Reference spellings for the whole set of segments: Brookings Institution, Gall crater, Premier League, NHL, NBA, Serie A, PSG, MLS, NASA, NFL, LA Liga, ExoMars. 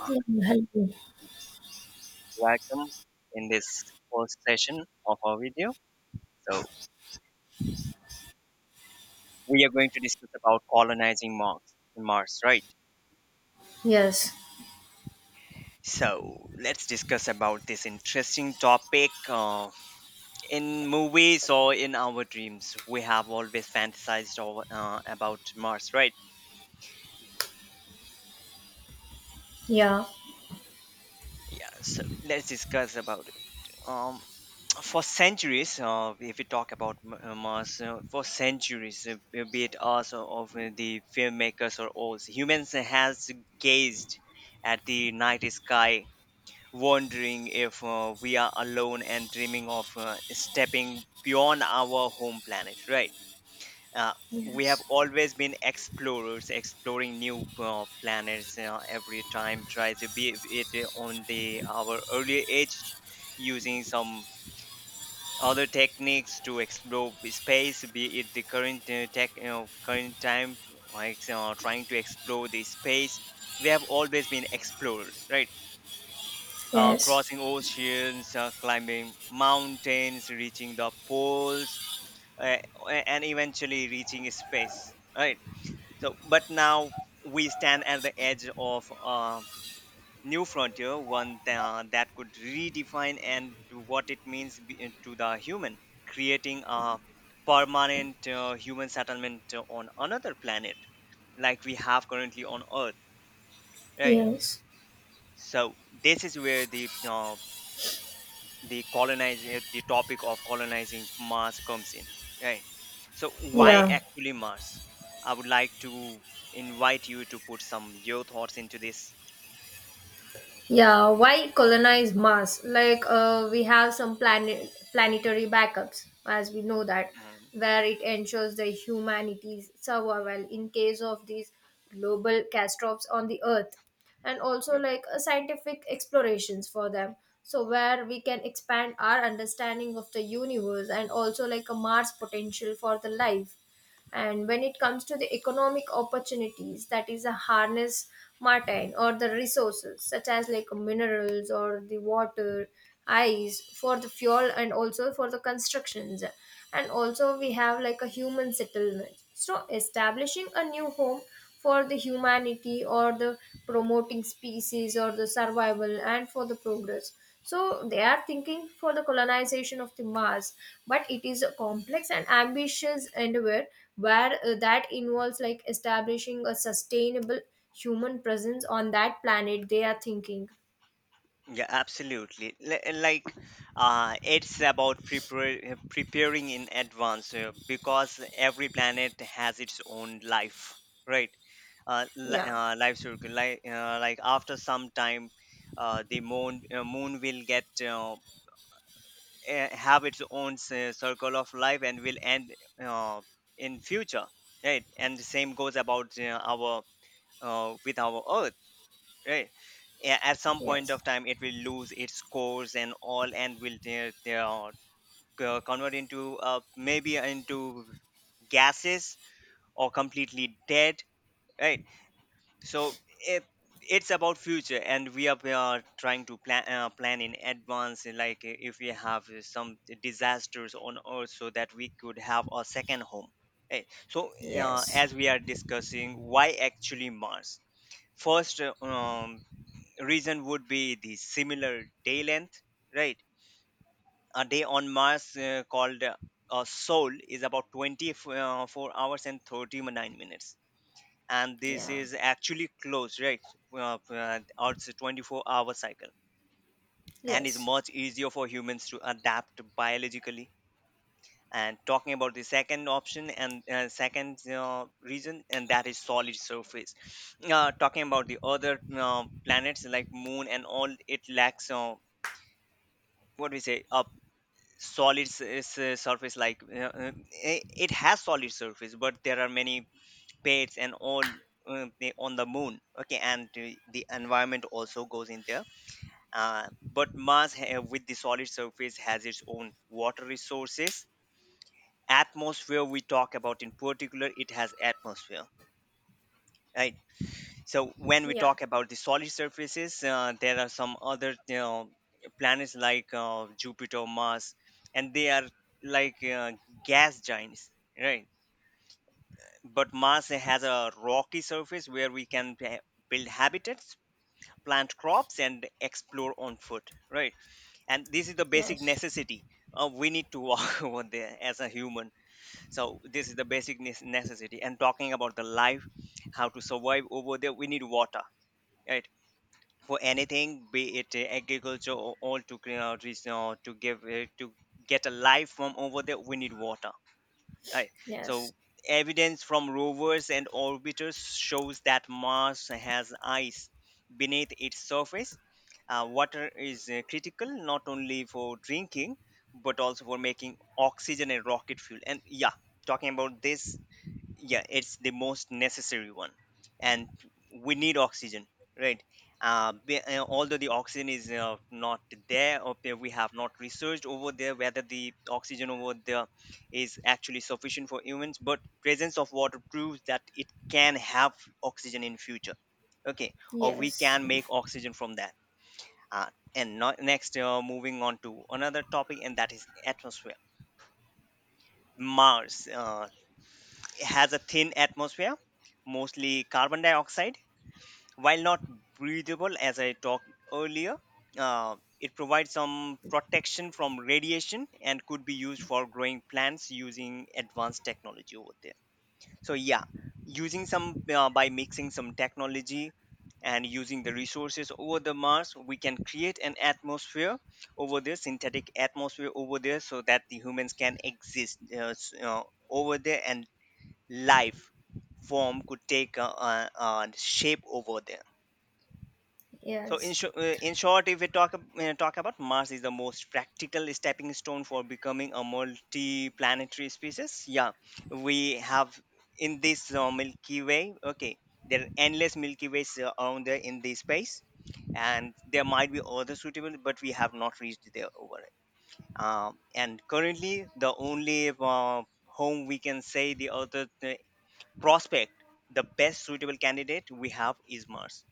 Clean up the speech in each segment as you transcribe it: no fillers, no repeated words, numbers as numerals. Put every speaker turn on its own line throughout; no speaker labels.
Uh,
Yeah, hello.
Welcome in this first session of our video. So we are going to discuss about colonizing Mars, Mars, right?
Yes.
So let's discuss about this interesting topic. In movies or in our dreams, we have always fantasized over, about Mars, right?
Yeah.
Yeah. So let's discuss about it. Um, for centuries, if we talk about Mars, for centuries, be it us or for the filmmakers or others, humans has gazed at the night sky, wondering if we are alone and dreaming of stepping beyond our home planet. Right? Uh, we have
Yes.
always been explorers, exploring new planets every time. Try to be it on the our early age, using some other techniques to explore space, be it the current tech, current time, like trying to explore the space. We have always been explorers, right?
Yes.
Crossing oceans, climbing mountains, reaching the poles, uh, and eventually reaching space, right? So but now we stand at the edge of new frontier, one that could redefine and to what it means to the human, creating a permanent human settlement on another planet like we have currently on Earth, right?
Yes.
So this is where the colonizing the topic of colonizing Mars comes in, right? So why
Yeah.
actually Mars? I would like to invite you to put some your thoughts into this.
Yeah. Why colonize Mars? Like, we have some planetary backups, as we know that,
Mm,
where it ensures the humanity's survival in case of these global catastrophes on the Earth, and also like scientific explorations for them. So where we can expand our understanding of the universe, and also like a Mars potential for the life. And when it comes to the economic opportunities, that is a harness martine or the resources such as like minerals or the water, ice for the fuel and also for the constructions. And also we have like a human settlement. So establishing a new home for the humanity or the promoting species or the survival and for the progress, so they are thinking for the colonization of the mars, but it is a complex and ambitious endeavor where that involves like establishing a sustainable human presence on that planet they are thinking.
Yeah, absolutely. Like, it's about preparing in advance because every planet has its own life, right?
Yeah.
Life circle. Like after some time, the moon moon will get have its own circle of life and will end uh, in future, right? And the same goes about our with our Earth, right? At some point
Yes.
of time it will lose its cores and all, and will they are convert into maybe into gases or completely dead, right? So it, it's about future and we are trying to plan plan in advance, and like if we have some disasters on earth, so that we could have a second home, right? So
Yes.
as we are discussing why actually mars, first reason would be the similar day length, right? A day on Mars called a Sol is about 24 hours and 39 minutes. And this
Yeah.
is actually close, right? Earth's 24 hour cycle, and is
Yes.
much easier for humans to adapt biologically. And talking about the second option and second reason, and that is solid surface. Talking about the other planets like moon and all, it lacks what we say a solid surface, like i- it has solid surface but there are many plates and all, on the moon, okay, and the environment also goes in there. uh, but mars with the solid surface has its own water resources. Atmosphere, we talk about in particular, it has atmosphere, right? So when we
Yeah.
talk about the solid surfaces, there are some other you know planets like jupiter, mars, and they are like gas giants, right? But mars has a rocky surface where we can build habitats, plant crops and explore on foot, right? And this is the basic
Yes.
necessity. We need to walk over there as a human. So this is the basic necessity. And talking about the life, how to survive over there, we need water, right? For anything, be it agriculture or all to clean out this, to get a life from over there, we need water. Right.
Yes.
So evidence from rovers and orbiters shows that Mars has ice beneath its surface. Water is critical not only for drinking but also for making oxygen and rocket fuel. And yeah, talking about this, yeah, it's the most necessary one. And we need oxygen, right? Although the oxygen is not there or there, we have not researched over there whether the oxygen over there is actually sufficient for humans, but presence of water proves that it can have oxygen in future, okay, or we
Yes.
can make
Yes.
oxygen from that. Uh, and not, next Moving on to another topic, and that is atmosphere. Mars has a thin atmosphere, mostly carbon dioxide. While not breathable, as I talked earlier, it provides some protection from radiation and could be used for growing plants using advanced technology over there. So, yeah, using some by mixing some technology and using the resources over the Mars, we can create an atmosphere over there, synthetic atmosphere over there, so that the humans can exist over there and life form could take shape over there. So
Yes.
in short, if we talk about, Mars is the most practical stepping stone for becoming a multi-planetary species. Yeah, we have in this Milky Way. Okay, there are endless Milky Ways around there in this space, and there might be other suitable, but we have not reached there over it. And currently, the only home we can say, the other prospect, the best suitable candidate we have is mars.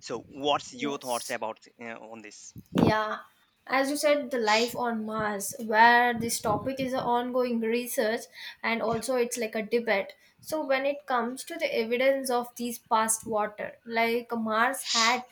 So what's your thoughts
Yes.
about on this?
Yeah, as you said, the life on Mars, where this topic is an ongoing research and also it's like a debate. So, when it comes to the evidence of these past water, like Mars had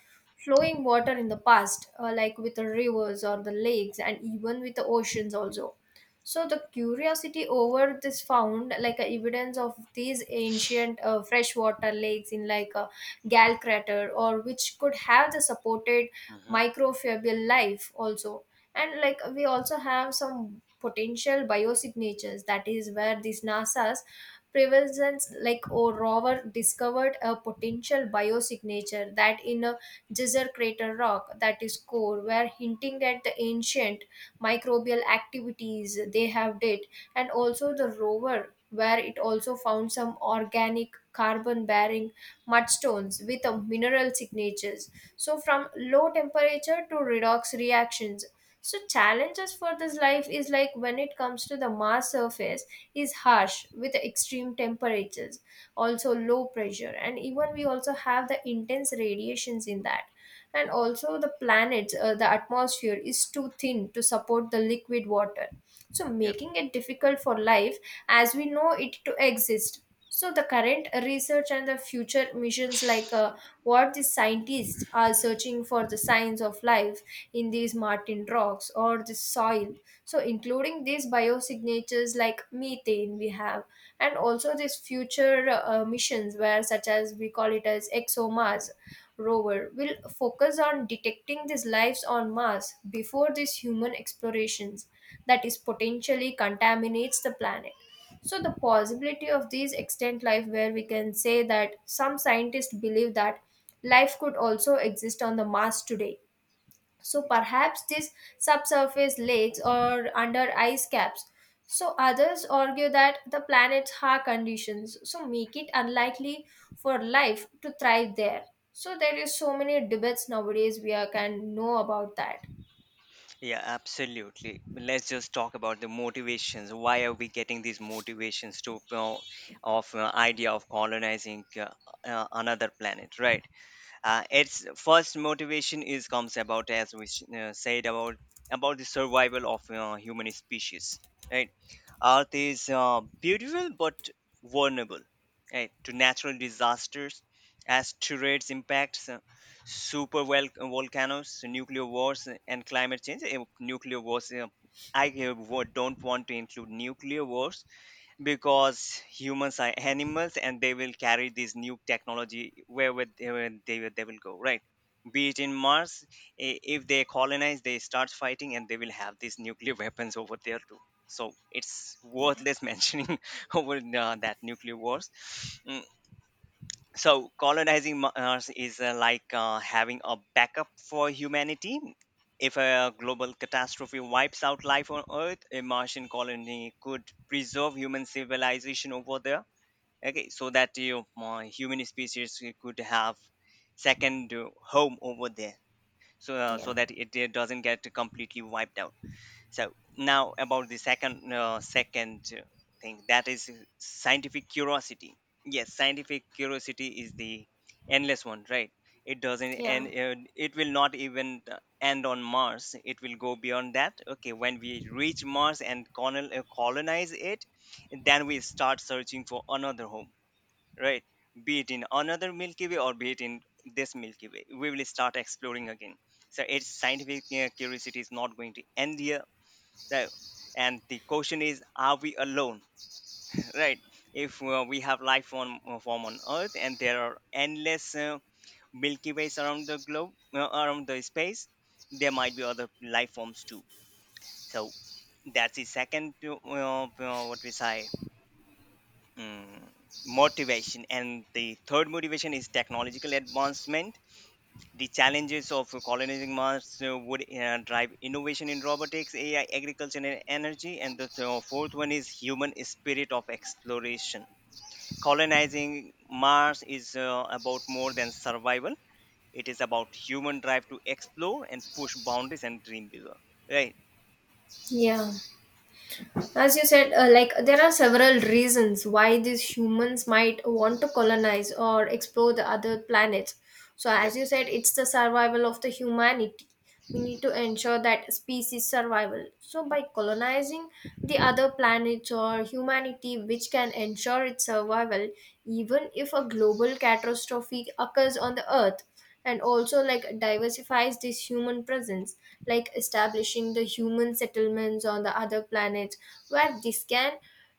flowing water in the past, like with the rivers or the lakes, and even with the oceans also. So, the curiosity over this found like a evidence of these ancient freshwater lakes in like a Gall crater, or which could have the supported
hmm
microfibril life also. And like we also have some potential biosignatures, that is where these NASA's prevalence like or rover discovered a potential biosignature that in a geyser crater rock that is core were hinting at the ancient microbial activities they have did. And also the rover where it also found some organic carbon bearing mudstones with a mineral signatures, so, from low temperature to redox reactions. So, challenges for this life is like when it comes to the Mars surface is harsh with extreme temperatures, also low pressure, and even we also have the intense radiations in that. And also the planets, the atmosphere is too thin to support the liquid water, so
Yep.
making it difficult for life as we know it to exist. So the current research and the future missions, like what the scientists are searching for the signs of life in these martin rocks or the soil, so including these biosignatures like methane we have. And also these future missions where such as we call it as exomars rover will focus on detecting these lives on Mars before these human explorations that is potentially contaminates the planet. So the possibility of these extant life, where we can say that some scientists believe that life could also exist on the Mars today, so
Yep.
perhaps these subsurface lakes or under ice caps. So others argue that the planet's harsh conditions so make it unlikely for life to thrive there. So there is so many debates nowadays we are, can know about that.
Yeah, absolutely. Let's just talk about the motivations. Why are we getting these motivations to of idea of colonizing another planet, right? Its first motivation is comes about as we said about the survival of human species, right? Earth is beautiful but vulnerable, right, to natural disasters, asteroids impacts, volcanoes, nuclear wars, and climate change. Nuclear wars I wo- Don't want to include nuclear wars because humans are animals and they will carry this new technology wherever they will go, right? Be it in mars, if they colonize, they start fighting and they will have these nuclear weapons over there too. So it's
Yeah,
worthless mentioning over that nuclear wars. Mm, so colonizing mars is like having a backup for humanity. If a global catastrophe wipes out life on earth, a martian colony could preserve human civilization over there, okay, so that you human species could have second home over there, so so
yeah,
that doesn't get completely wiped out. So now about the second thing, that is scientific curiosity. Yes, scientific curiosity is the endless one, right? It doesn't, and
yeah,
it will not even end on Mars. It will go beyond that. Okay, when we reach Mars and colonize it, then we start searching for another home, right? Be it in another Milky Way or be it in this Milky Way, we will start exploring again. So its scientific curiosity is not going to end here. Right. And the question is, are we alone? Right. If we have life on form on Earth, and there are endless Milky Ways around the globe, around the space, there might be other life forms too. So that's the second, what we say, mm motivation. And the third motivation is technological advancement. The challenges of colonizing Mars would drive innovation in robotics, AI, agriculture, and energy. And the fourth one is human spirit of exploration. Colonizing Mars is about more than survival. It is about human drive to explore and push boundaries and dream bigger. Right?
yeah. As you said, like there are several reasons why these humans might want to colonize or explore the other planets. So,
Yep.
as you said, it's the survival of the humanity. We need to ensure that species survival. So, by colonizing the other planets or humanity, which can ensure its survival, even if a global catastrophe occurs on the Earth. And also like diversifies this human presence, like establishing the human settlements on the other planets, where this can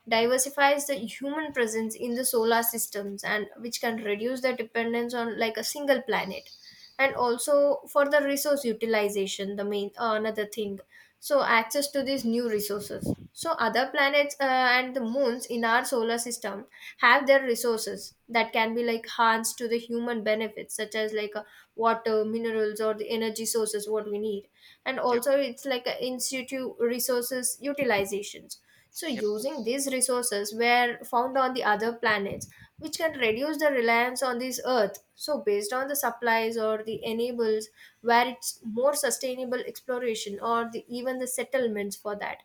diversifies the human presence in the solar systems and which can reduce the dependence on like a single planet. And also for the resource utilization, the main another thing, so access to these new resources, so other planets and the moons in our solar system have their resources that can be like harnessed to the human benefits, such as like water minerals or the energy sources what we need. And
Yep.
also it's like a institute resources utilizations, so
Yep.
using these resources were found on the other planets, which can reduce the reliance on this earth. So, based on the supplies or the enables, where it's more sustainable exploration or the, even the settlements for that.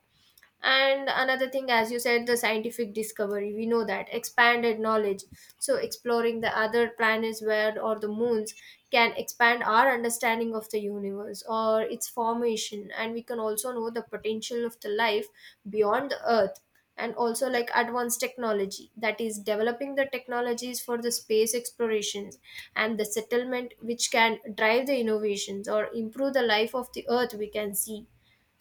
And another thing, as you said, the scientific discovery, we know that expanded knowledge, so exploring the other planets where or the moons can expand our understanding of the universe or its formation, and we can also know the potential of the life beyond the earth. And also
Yep.
like advanced technology, that is developing the technologies for the space explorations and the settlement, which can drive the innovations or improve the life of the earth we can see.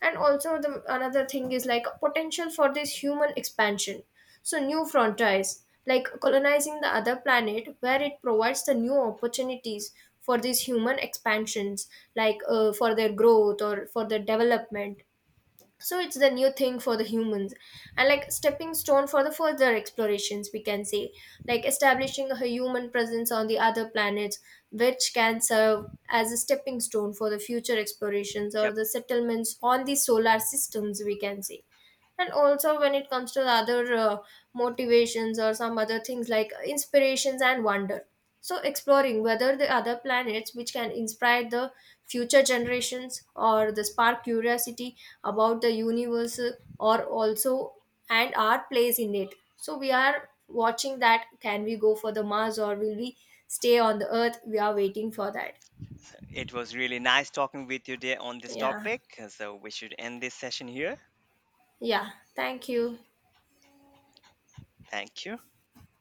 And also the another thing is like potential for this human expansion, so new frontiers like colonizing the other planet, where it provides the new opportunities for these human expansions, like for their growth or for their development. So it's the new thing for the humans, and like stepping stone for the further explorations we can say, like establishing a human presence on the other planets, which can serve as a stepping stone for the future explorations or
Yep.
the settlements on the solar systems we can say. And also when it comes to the other motivations or some other things, like inspirations and wonder, so exploring whether the other planets which can inspire the future generations or the spark curiosity about the universe, or also, and our place in it, so we are watching that can we go for the mars or will we stay on the earth, we are waiting for that.
So it was really nice talking with you there on this
Yeah.
topic. So we should end this session here.
Yeah, thank you.
Thank you.